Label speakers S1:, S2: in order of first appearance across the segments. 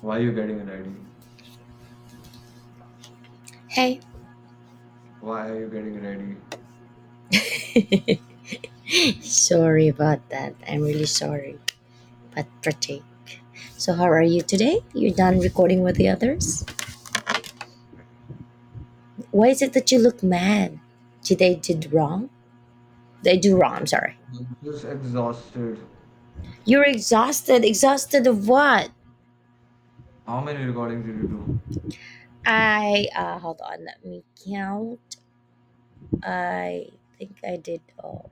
S1: Why are you getting ready?
S2: Hey,
S1: Why are you getting ready?
S2: sorry about that. I'm really sorry. But pretty. So how are you today? You done recording with the others? Why is it that you look mad? Did they did wrong? They do wrong, I'm sorry.
S1: I'm just exhausted.
S2: You're exhausted. Exhausted of what?
S1: How many recordings did you do?
S2: I hold on, let me count. I think I did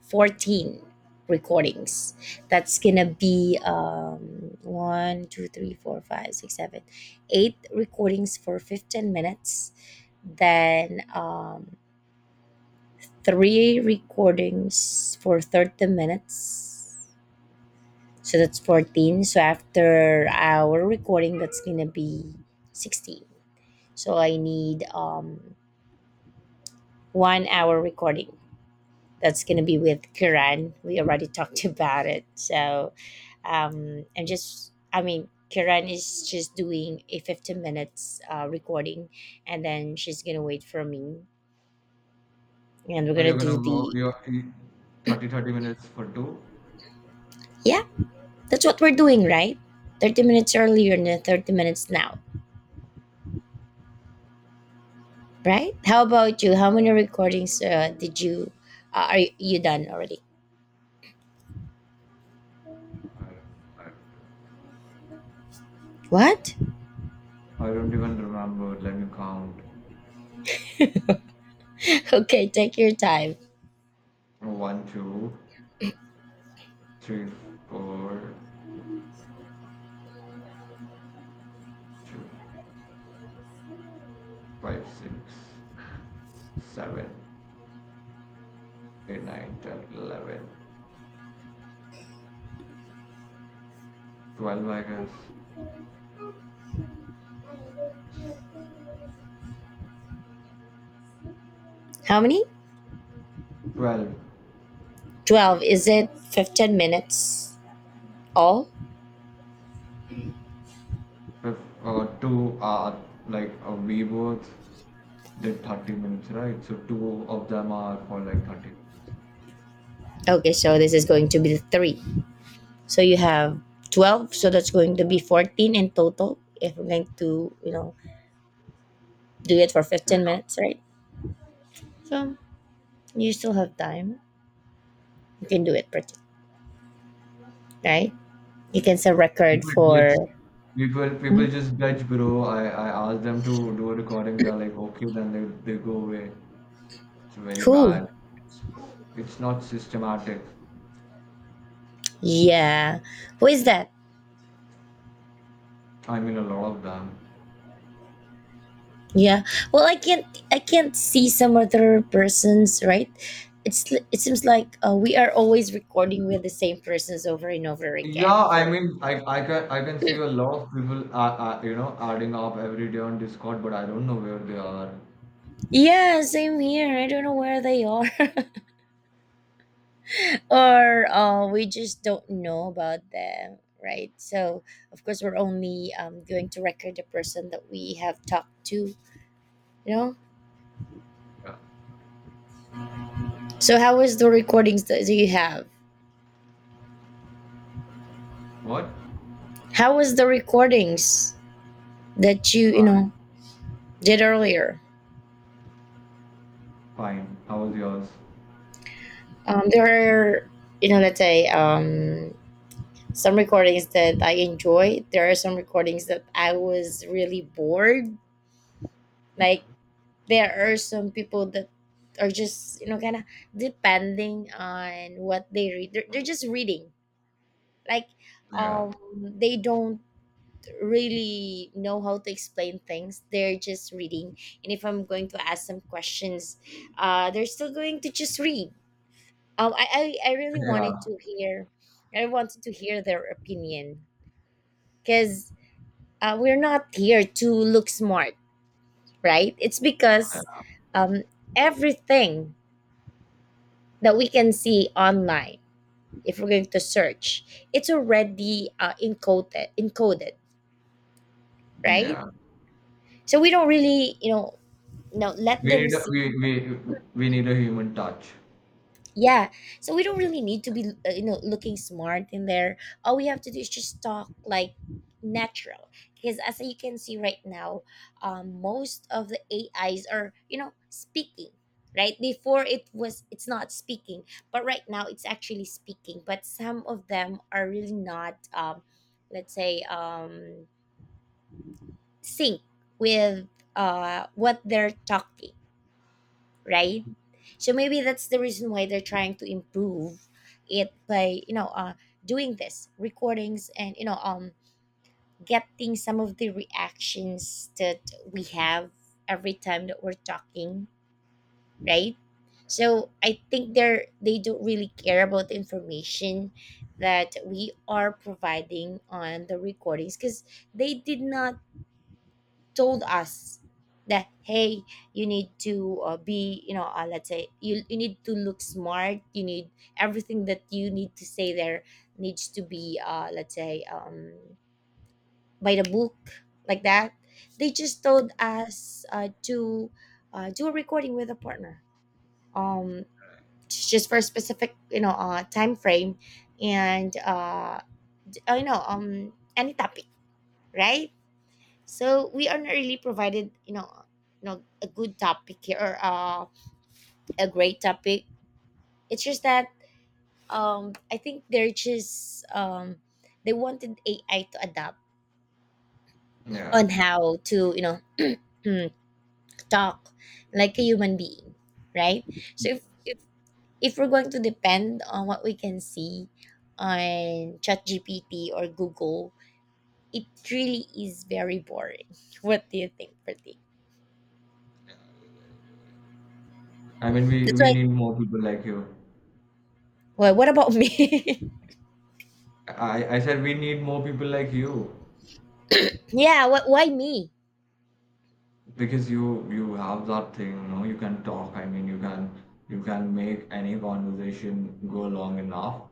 S2: 14 recordings. That's gonna be one, two, three, four, five, six, seven, eight recordings for 15 minutes. Then three recordings for 30 minutes. So that's 14. So after our recording, that's gonna be 16. So I need 1 hour recording. That's going to be with Kiran. We already talked about it. So I mean, Kiran is just doing a 15 minutes recording and then she's going to wait for me. And we're
S1: Oh,
S2: going to
S1: you're gonna
S2: do
S1: go 30 thirty minutes for two?
S2: yeah, that's what we're doing, right? 30 minutes earlier and then 30 minutes now, right? How about you? How many recordings did you, are you done already? What?
S1: I don't even remember. Let me count.
S2: Okay, take your time.
S1: One, two, three, four, two, five, six, seven, eight, nine, ten, 11, 12, I guess.
S2: How many?
S1: 12.
S2: 12. Is it 15 minutes all?
S1: Two are like a V worth. Did 30 minutes, right? So two of them are for like 30 minutes.
S2: Okay, so this is going to be the 3. So you have 12, so that's going to be 14 in total if we're going to, you know, do it for
S1: Yeah,
S2: 15 minutes, right? So you still have time. You can do it, pretty, right? You can set record
S1: people bitch.
S2: for.
S1: People
S2: Hmm?
S1: people just bitch, bro. I ask them to do a recording, they're like, okay, then they go away. It's very
S2: Who?
S1: bad. It's not systematic.
S2: Yeah. Who is that?
S1: I mean, a lot of them.
S2: Yeah. Well, I can't see some other persons, right? It seems like we are always recording with the same persons over and over again
S1: Yeah, I
S2: for.
S1: mean, I can I can see a lot of people are, are adding up every day on Discord, but I don't know where they are.
S2: Yeah, same here. I don't know where they are, or we just don't know about them, right? So, of course, we're only going to record the person that we have talked to, you know?
S1: Yeah.
S2: So, how was the recordings that you have?
S1: What?
S2: How was the recordings that you
S1: Fine.
S2: know, did earlier?
S1: Fine. How was yours?
S2: There are, you know, let's say, some recordings that I enjoyed. There are some recordings that I was really bored, like there are some people that are just, you know, kind of depending on what they read they're just reading, like,
S1: Yeah.
S2: um they don't really know how to explain things. They're just reading, and if I'm going to ask some questions, they're still going to just read. I really
S1: Yeah.
S2: wanted to hear, I wanted to hear their opinion, because we're not here to look smart, right? It's because, um everything that we can see online, if we're going to search, it's already encoded, right?
S1: Yeah.
S2: So we don't really, you know, now let
S1: We
S2: them
S1: need a
S2: see.
S1: we we we need a human touch.
S2: Yeah, so we don't really need to be you know, looking smart in there. All we have to do is just talk like natural, because as you can see right now, most of the AIs are, you know, speaking. Right before, it's not speaking, but right now it's actually speaking, but some of them are really not, let's say, sync with what they're talking, right? So maybe that's the reason why they're trying to improve it by, you know, doing this recordings, and, you know, getting some of the reactions that we have every time that we're talking, right? So I think they don't really care about the information that we are providing on the recordings, because they did not told us that, hey, you need to be, you know, let's say, you need to look smart, you need everything that you need to say there needs to be let's say, by the book, like that. They just told us to do a recording with a partner, um, just for a specific, you know, time frame, and you know, any topic, right? So we are not really provided, you know, a good topic here, or a great topic. It's just that I think they're just they wanted AI to adapt
S1: Yeah.
S2: on how to, you know, talk like a human being, right? So if if we're going to depend on what we can see on ChatGPT or Google, it really is very boring. What do you think, Pratik?
S1: I mean, we
S2: That's
S1: we
S2: why.
S1: need more people like you.
S2: Well, what about me?
S1: I said we need more people like you
S2: Yeah, why me?
S1: because you have that thing, you know, you can talk. I mean, you can make any conversation go long enough,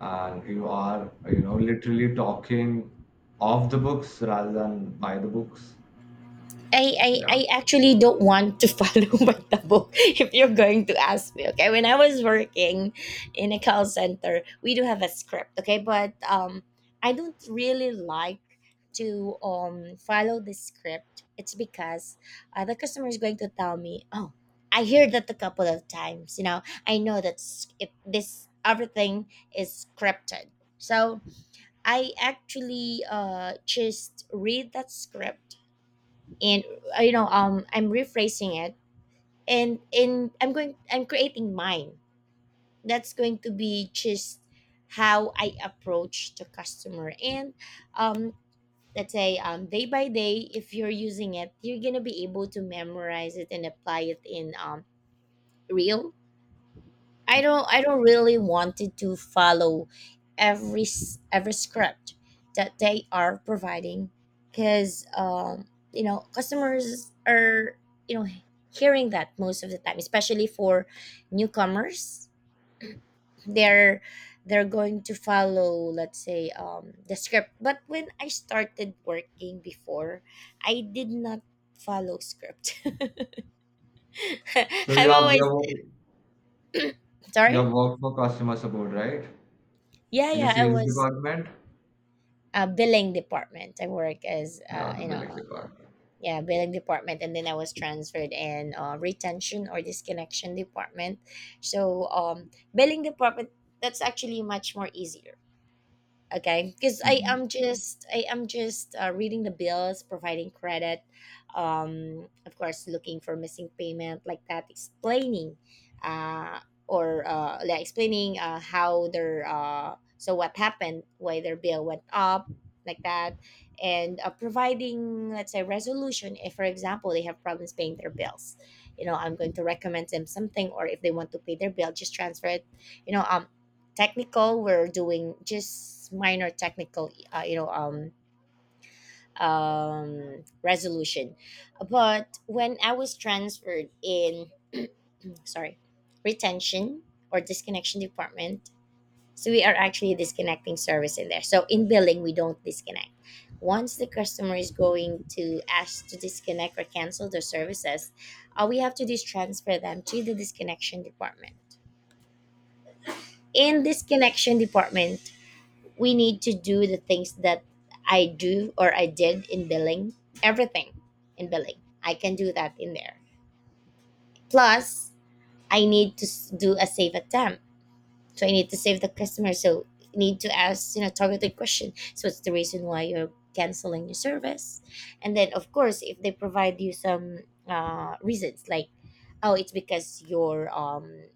S1: and you are, you know, literally talking off the books rather than by the books. So yeah.
S2: I actually don't want to follow by the book, if you're going to ask me, okay? When I was working in a call center, we do have a script, okay? But I don't really like to follow the script. It's because the customer is going to tell me, oh, I hear that a couple of times, you know? I know that this, everything is scripted. So I actually just read that script, and you know, I'm rephrasing it, and I'm going, I'm creating mine, that's going to be just how I approach the customer. And um let's say, day by day, if you're using it, you're gonna be able to memorize it and apply it in, real. I don't really wanted to follow every script that they are providing, because you know, customers are, you know, hearing that most of the time, especially for newcomers. they're they're going to follow, let's say, the script. But when I started working before, I did not follow script.
S1: So
S2: I'm
S1: you have you
S2: always
S1: have work- you
S2: sorry.
S1: have worked for customer support, right?
S2: Yeah,
S1: In a
S2: I
S1: sales
S2: was
S1: department?
S2: billing department. I work as,
S1: Yeah, the
S2: you know,
S1: billing department.
S2: yeah, billing department, and then I was transferred in retention or disconnection department. So billing department, that's actually much more easier, okay, because
S1: Mhm.
S2: I am just reading the bills, providing credit, of course looking for missing payment, like that, explaining, uh or like explaining how their so what happened, why their bill went up, like that, and providing, let's say, resolution if for example they have problems paying their bills, you know, I'm going to recommend them something, or if they want to pay their bill, just transfer it, you know. Technical, we're doing just minor technical, you know, resolution. But when I was transferred in sorry, retention or disconnection department, so we are actually disconnecting service in there. So in billing we don't disconnect. Once the customer is going to ask to disconnect or cancel their services, all we have to do is transfer them to the disconnection department. In disconnection department, we need to do the things that I do or I did in billing, everything in billing. I can do that in there. Plus, I need to do a save attempt. So I need to save the customer. So need to ask, you know, targeted question. So what's the reason why you're canceling your service? And then of course, if they provide you some reasons like, oh, it's because your,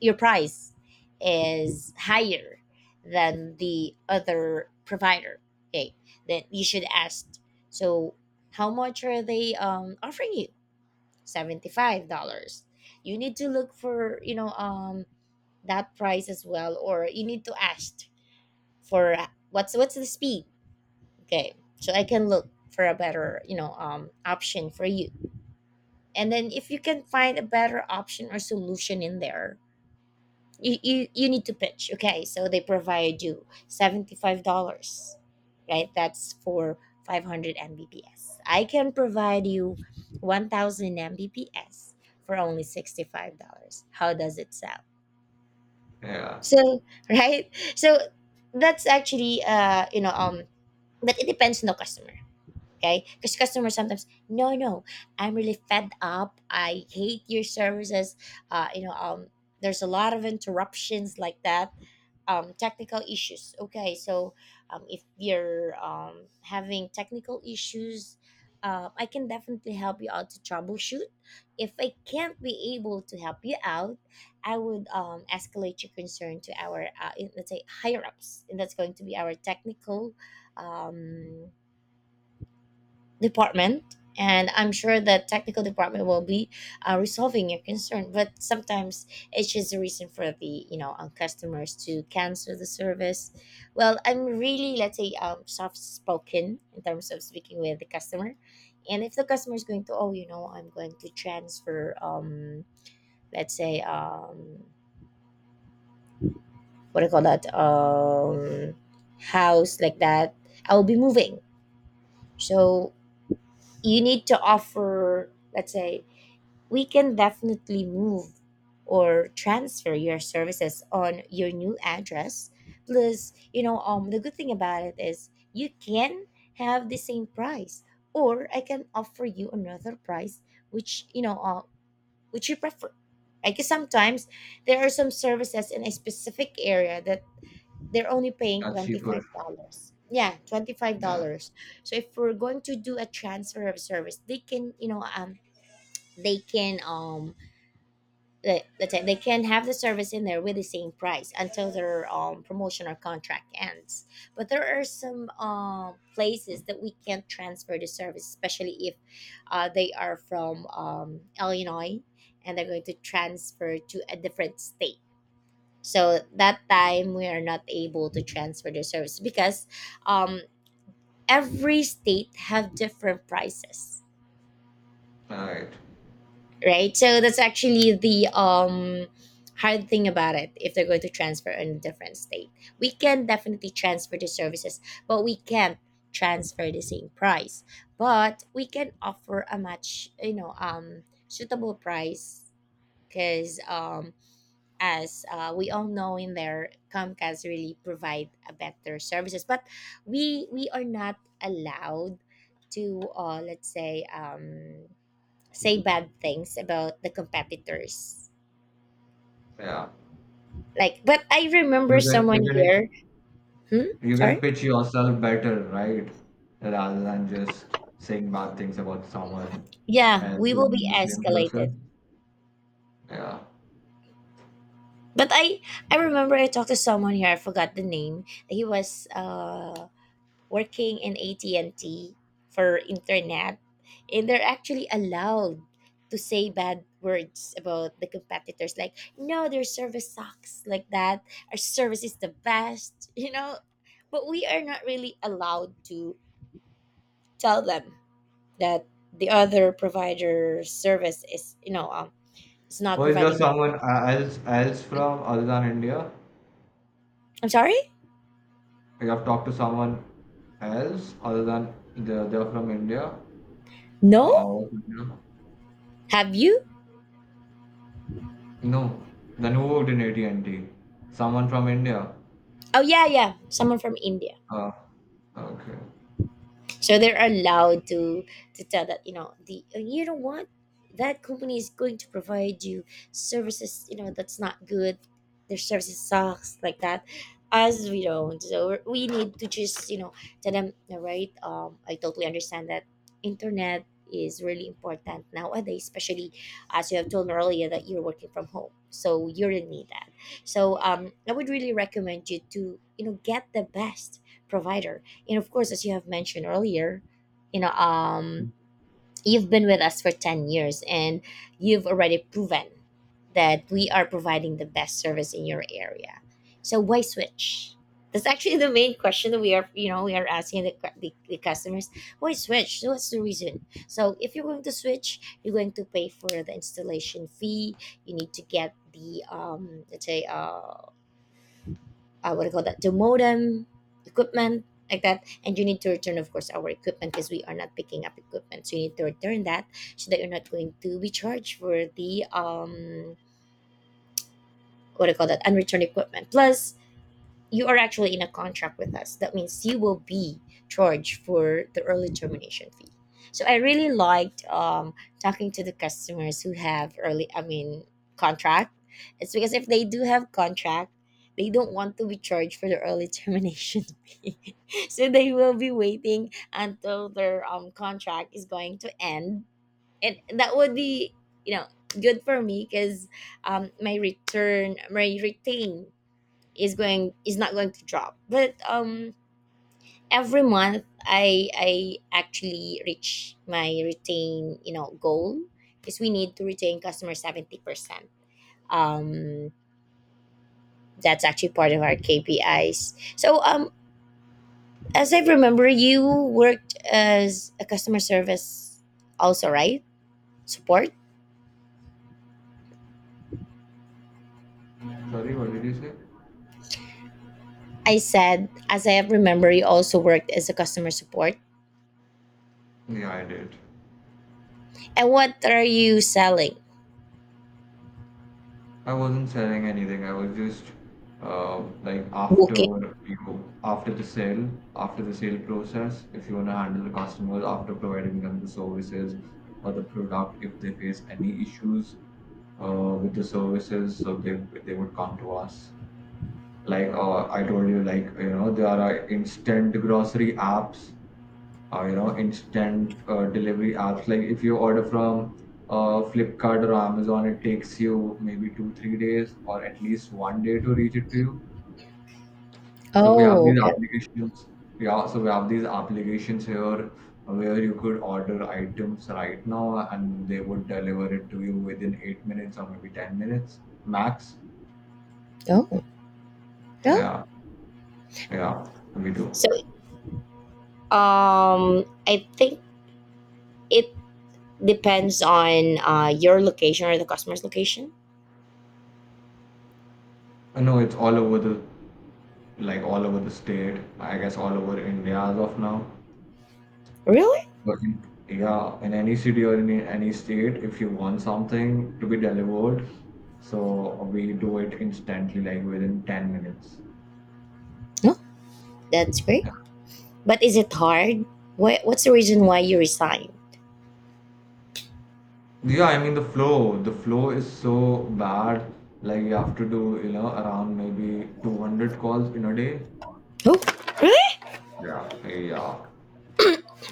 S2: your price is higher than the other provider, okay, then you should ask. So, how much are they offering you? $75. You need to look for, you know, that price as well, or you need to ask for, what's the speed, okay? So I can look for a better, you know, option for you. And then if you can find a better option or solution in there, you need to pitch. Okay, so they provide you $75, right? That's for 500 mbps. I can provide you 1000 mbps for only $65. How does it sound?
S1: Yeah,
S2: So, right, so that's actually, you know, but it depends on the customer. Okay, because customers sometimes, no, no, I'm really fed up, I hate your services, you know, there's a lot of interruptions, like that, technical issues. Okay, so if you're, having technical issues, I can definitely help you out to troubleshoot. If I can't be able to help you out, I would escalate your concern to our let's say higher ups, and that's going to be our technical um, department. And I'm sure the technical department will be resolving your concern, but sometimes it's just a reason for the customers to cancel the service. Well, I'm really, let's say, soft spoken in terms of speaking with the customer. And if the customer is going to, oh, I'm going to transfer, let's say what do you call that house, like that, I will be moving. So you need to offer, let's say, we can definitely move or transfer your services on your new address. Plus, the good thing about it is you can have the same price, or I can offer you another price, which, which you prefer. I guess sometimes there are some services in a specific area that they're only paying
S1: that's cheaper.
S2: $25. Yeah,
S1: Yeah,
S2: $25. So if we're going to do a transfer of service, they can, they can, let's say they can have the service in there with the same price until their promotion or contract ends. But there are some places that we can't transfer the service, especially if they are from Illinois and they're going to transfer to a different state. So that time we are not able to transfer the service because um, every state have different prices,
S1: right.
S2: right? So that's actually the hard thing about it if they're going to transfer in a different state. We can definitely transfer the services, but we can't transfer the same price. But we can offer a much, suitable price, because as we all know in there Comcast really provide a better services. But we are not allowed to let's say, say bad things about the competitors.
S1: Yeah,
S2: Like, but I
S1: you
S2: remember
S1: can
S2: someone
S1: you can
S2: here. Hmm?
S1: you can
S2: Sorry?
S1: pitch yourself better, right? Rather than just saying bad things about someone
S2: Yeah,
S1: else
S2: we
S1: who
S2: will be
S1: in the same process.
S2: escalated.
S1: Yeah.
S2: But I remember I talked to someone here. I forgot the name. He was working in AT and T for internet, and they're actually allowed to say bad words about the competitors. Like, no, their service sucks. Like that, our service is the best. You know, but we are not really allowed to tell them that the other provider service is is not
S1: Or is there
S2: providing them.
S1: someone else from other than India?
S2: I'm sorry.
S1: You have talked to someone else other than they're from India or
S2: No.
S1: out of India?
S2: Have you?
S1: No. Then who worked in AT&T? Someone from India.
S2: Oh, yeah, yeah, someone from India.
S1: Uh, okay.
S2: So they're allowed to tell that, you know, the you know what, that company is going to provide you services, you know, that's not good, their services sucks, like that, as we don't. So we need to just, you know, tell them, all right, I totally understand that internet is really important nowadays, especially as you have told me earlier that you're working from home, so you really need that. So I would really recommend you to, you know, get the best provider. And of course, as you have mentioned earlier, you know, um, you've been with us for 10 years and you've already proven that we are providing the best service in your area. So why switch? That's actually the main question that we are, you know, we are asking the, the customers. Why switch? So what's the reason? So if you're going to switch, you're going to pay for the installation fee. You need to get the let's say, what do you call that the modem equipment, like that. And you need to return, of course, our equipment because we are not picking up equipment, so you need to return that so that you're not going to be charged for the what do you call that unreturned equipment. Plus you are actually in a contract with us. That means you will be charged for the early termination fee. So I really liked talking to the customers who have early, I mean, contract. It's because if they do have contract, they don't want to be charged for the early termination fee. So they will be waiting until their contract is going to end. And that would be, you know, good for me because my return, my retain is not going to drop. But every month I actually reach my retain, you know, goal, because we need to retain customers 70%. um that's actually part of our KPIs. So as I remember, you worked as a customer service also, right? Support?
S1: Sorry, what did you say?
S2: I said, as I remember, you also worked as a customer support.
S1: Yeah, I did.
S2: And what are you selling?
S1: I wasn't selling anything. I was just like after
S2: Booking.
S1: you after the sale process, if you want to handle the customers after providing them the services or the product, if they face any issues with the services, so they would come to us. Like I told you, like you know, there are instant grocery apps, you know, instant delivery apps. Like if you order from Flipkart or Amazon, it takes you maybe two, 3 days or at least one day to reach it to you. So we have
S2: Oh,
S1: these
S2: okay.
S1: applications. Yeah, so we have these applications here where you could order items right now and they would deliver it to you within 8 minutes or maybe 10 minutes max.
S2: Oh, yeah.
S1: Yeah, yeah, we do.
S2: So I think it depends on your location or the customer's location.
S1: No, it's all over the like all over the state, I guess all over India as of now.
S2: Really?
S1: But in- yeah, in any city or in any state, if you want something to be delivered, so we do it instantly, like within 10 minutes.
S2: No. That's great. But is it hard? What's the reason why you resign?
S1: Yeah, I mean the flow is so bad. Like you have to do, you know, around maybe 200 calls in a day.
S2: Oh, really?
S1: Yeah. Yeah.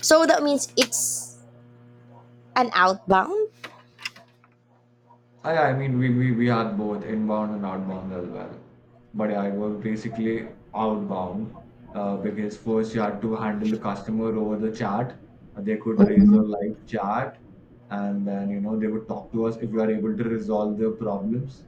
S2: So that means it's an outbound?
S1: I mean, we had both inbound and outbound as well. But yeah, it was basically outbound because first you had to handle the customer over the chat. They could raise a
S2: Mhm.
S1: live chat and then, you know, they would talk to us if you are able to resolve their problems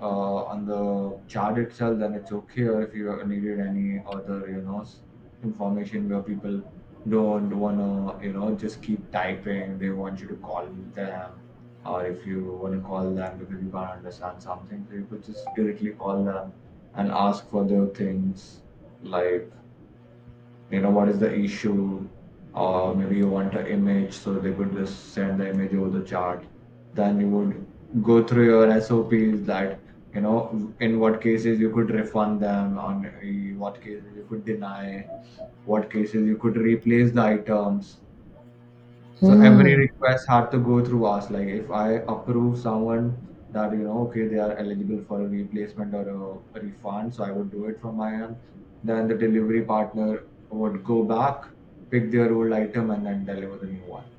S1: on the chart itself, then it's okay. Or if you needed any other, you know, information where people don't wanna, you know, just keep typing. They want you to call them, or if you wanna call them because you can't understand something, so you could just directly call them and ask for the things like you know what is the issue, or maybe you want an image so they could just send the image over the chart. Then you would go through your sops that you know in what cases you could refund them on, what cases you could deny, what cases you could replace the items. So every
S2: Hmm.
S1: request had to go through us. Like if I approve someone that you know, okay, they are eligible for a replacement or a refund, so I would do it from my end. Then the delivery partner would go back, pick their old item, and then deliver the new one.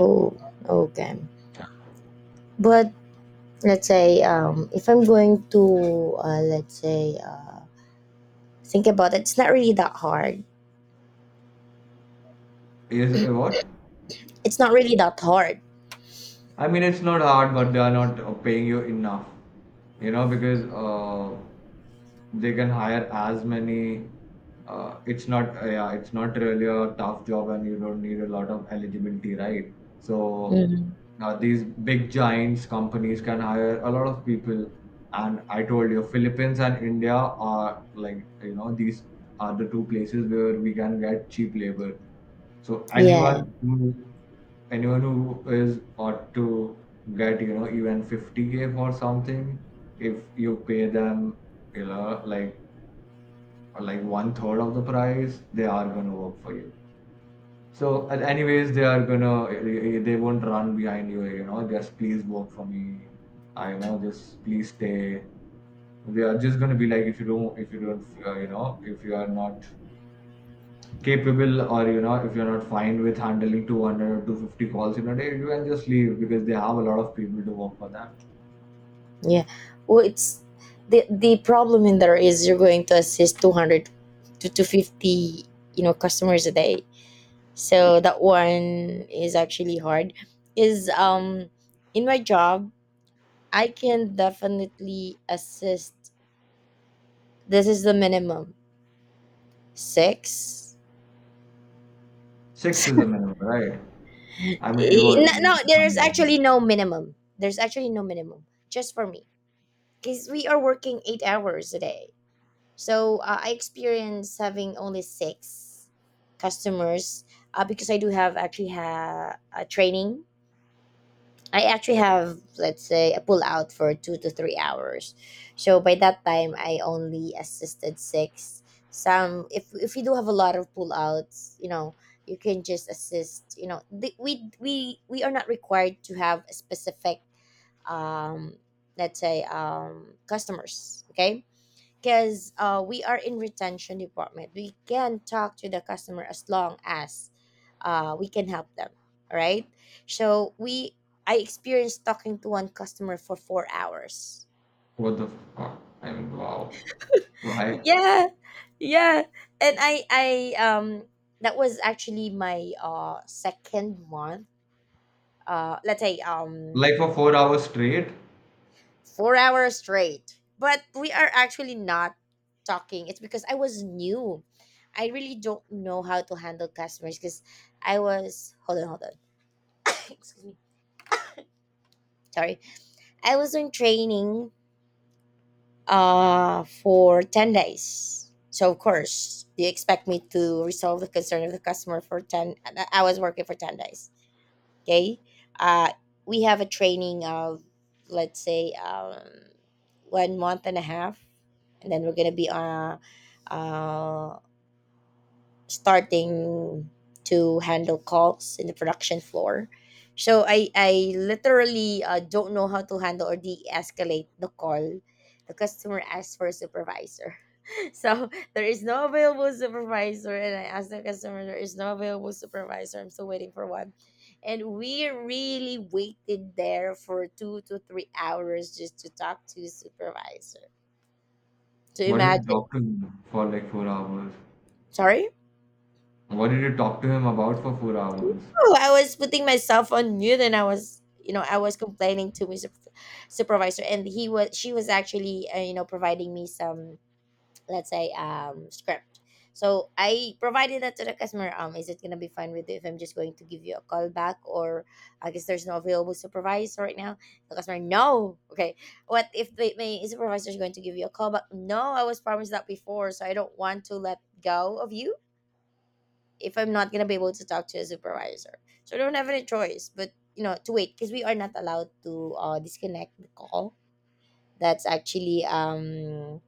S2: Oh, okay. But let's say if I'm going to, let's say, think about it, it's not really that hard.
S1: Is what?
S2: It's not really that hard.
S1: I mean, it's not hard, but they are not paying you enough, you know, because they can hire as many it's not yeah it's not really a tough job and you don't need a lot of eligibility, right? So
S2: Hmm.
S1: these big giants companies can hire a lot of people, and I told you Philippines and India are like you know these are the two places where we can get cheap labor. So
S2: Yeah.
S1: anyone who is ought to get you know even 50K for something if you pay them you know like or like one third of the price, they are gonna work for you. So, and anyways, they are gonna they won't run behind you. You know, just please work for me. I know, just please stay. They are just gonna be like, if you don't, you know, if you are not capable or you know, if you're not fine with handling 200 or 250 calls in a day, you can just leave because they have a lot of people to work for them.
S2: Yeah. Well, it's the problem in there is you're going to assist 200 to 250, you know, customers a day. So that one is actually hard. Is in my job, I can definitely assist. This is the minimum. 6.
S1: Six is the minimum, right? I mean, it
S2: Eh,
S1: was
S2: no, no,
S1: easy. To come
S2: there's
S1: on.
S2: actually no minimum. There's actually no minimum just for me because we are working 8 hours a day. So I experienced having only six customers, because I do have actually a training. I actually have, let's say, a pull out for 2 to 3 hours. So by that time, I only assisted six. Some, if you do have a lot of pull outs, you know, you can just assist. You know, the, we are not required to have a specific, um, let's say, customers. Okay, because we are in retention department, we can talk to the customer as long as we can help them, right? So we, I experienced talking to one customer for 4 hours.
S1: What the fuck? I mean, wow. Why?
S2: Yeah. Yeah. And I that was actually my second month. Let's say
S1: Like for 4 hours straight?
S2: 4 hours straight. But we are actually not talking. It's because I was new. I really don't know how to handle customers because I was hold on, hold on. Excuse me. Sorry. I was on training for 10 days. So of course, do you expect me to resolve the concern of the customer for ten I was working for 10 days. Okay. uh, we have a training of, let's say, 1 month and a half, and then we're gonna be, uh, starting to handle calls in the production floor. So I literally don't know how to handle or de-escalate the call. The customer asks for a supervisor. So there is no available supervisor, and I asked the customer, there is no available supervisor. I'm still waiting for one. And we really waited there for 2 to 3 hours just to talk to supervisor. To
S1: What did you
S2: imagine.
S1: talk to him for like 4 hours?
S2: Sorry?
S1: What did you talk to him about for 4 hours?
S2: No, I was putting myself on mute and I was, you know, I was complaining to my supervisor, and he was she was actually, you know, providing me some, let's say, script. So I provided that to the customer. Is it gonna be fine with you if I'm just going to give you a call back? Or I guess there's no available supervisor right now. The customer, no, okay, what if my supervisor is going to give you a call back? No, I was promised that before, so I don't want to let go of you. If I'm not gonna be able to talk to a supervisor. So I don't have any choice but, you know, to wait, because we are not allowed to disconnect the call. That's actually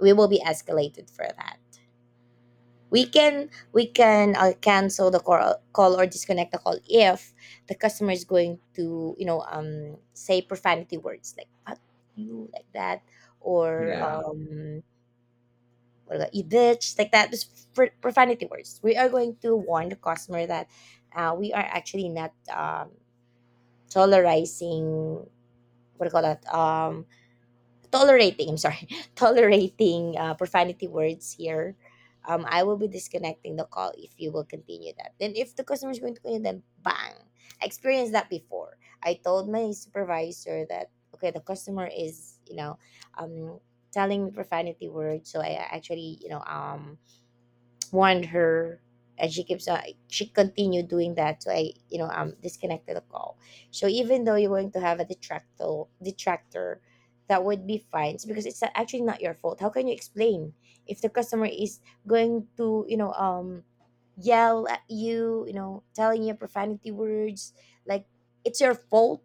S2: we will be escalated for that. We can, cancel the call or disconnect the call if the customer is going to, you know, say profanity words, like fuck you, like that. Or
S1: Yeah.
S2: or like, you bitch, like that. Just profanity words, we are going to warn the customer that we are actually not tolerizing, what do you call that tolerating, I'm sorry, tolerating profanity words here. I will be disconnecting the call if you will continue that. Then if the customer is going to continue, then bang. I experienced that before. I told my supervisor that, okay, the customer is, you know, um telling me profanity words, so I actually, you know, warned her, and she keeps, she continued doing that, so I, you know, disconnected the call. So even though you're going to have a detractor, that would be fine. It's because it's actually not your fault. How can you explain if the customer is going to, you know, yell at you, you know, telling you profanity words, like, it's your fault,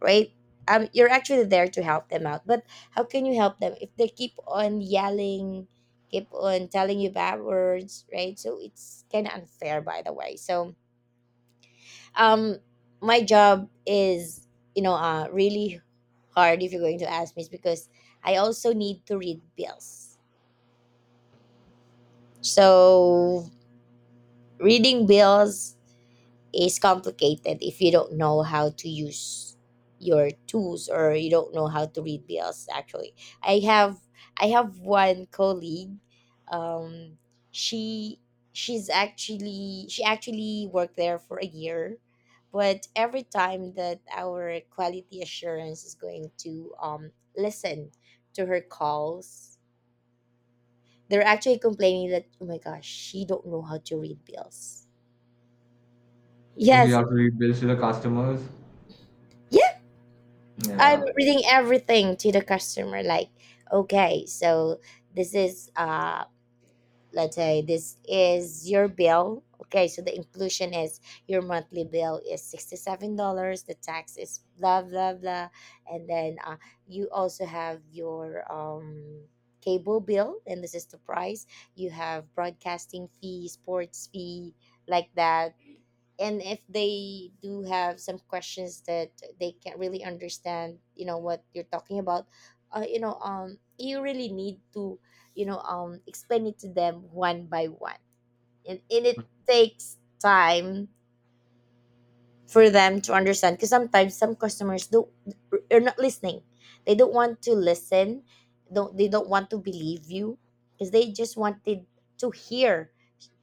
S2: right? You're actually there to help them out, but how can you help them if they keep on yelling, keep on telling you bad words, right? So it's kind of unfair, by the way. So, um, my job is, you know, really hard, if you're going to ask me, is because I also need to read bills. So reading bills is complicated if you don't know how to use your tools, or you don't know how to read bills. Actually, i have I have one colleague, um she she's actually, she actually worked there for a year, but every time that our quality assurance is going to listen to her calls, they're actually complaining that, oh my gosh, she don't know how to read bills.
S1: Okay, you
S2: Yes.
S1: have to read bills to the customers.
S2: I'm
S1: Yeah.
S2: reading everything to the customer. Like, okay, so this is let's say this is your bill. Okay, so the inclusion is your monthly bill is $67. The tax is blah blah blah, and then you also have your cable bill, and this is the price. You have broadcasting fee, sports fee, like that. And if they do have some questions that they can't really understand, you know, what you're talking about, you know, you really need to, you know, explain it to them one by one. And it takes time for them to understand, because sometimes some customers don't, are not listening, they don't want to listen, don't they don't want to believe you, because they just wanted to hear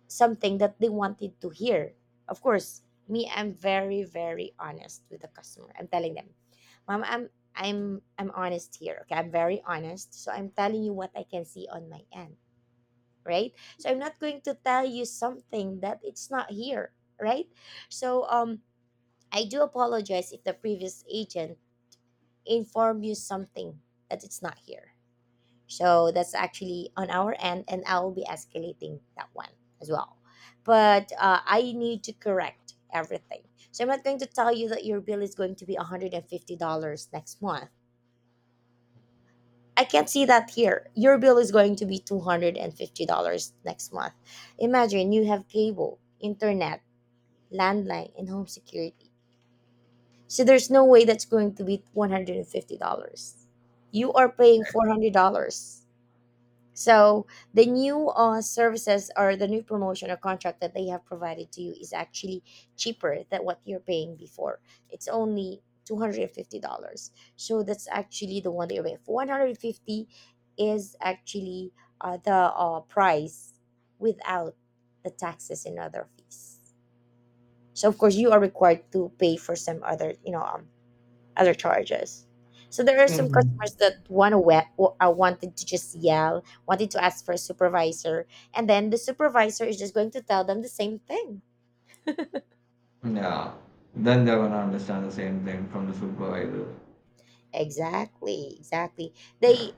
S2: something that they wanted to hear. Of course, me, I'm very, very honest with the customer. I'm telling them, mom, I'm honest here. Okay, I'm very honest. So I'm telling you what I can see on my end, right? So I'm not going to tell you something that it's not here, right? So I do apologize if the previous agent informed you something that it's not here. So that's actually on our end, and I will be escalating that one as well. But I need to correct everything. So I'm not going to tell you that your bill is going to be $150 next month. I can't see that here. Your bill is going to be $250 next month. Imagine you have cable, internet, landline, and home security. So there's no way that's going to be $150. You are paying $400. So the new services or the new promotion or contract that they have provided to you is actually cheaper than what you're paying before. It's only $250. So that's actually the one that you're paying. 150 is actually the price without the taxes and other fees. So of course you are required to pay for some other, you know, other charges. So there are some
S1: Mhm.
S2: customers that want to wanted to just yell, wanted to ask for a supervisor, and then the supervisor is just going to tell them the same thing.
S1: Yeah. Then they're gonna understand the same thing from the supervisor.
S2: Exactly, exactly.
S1: Yeah.
S2: They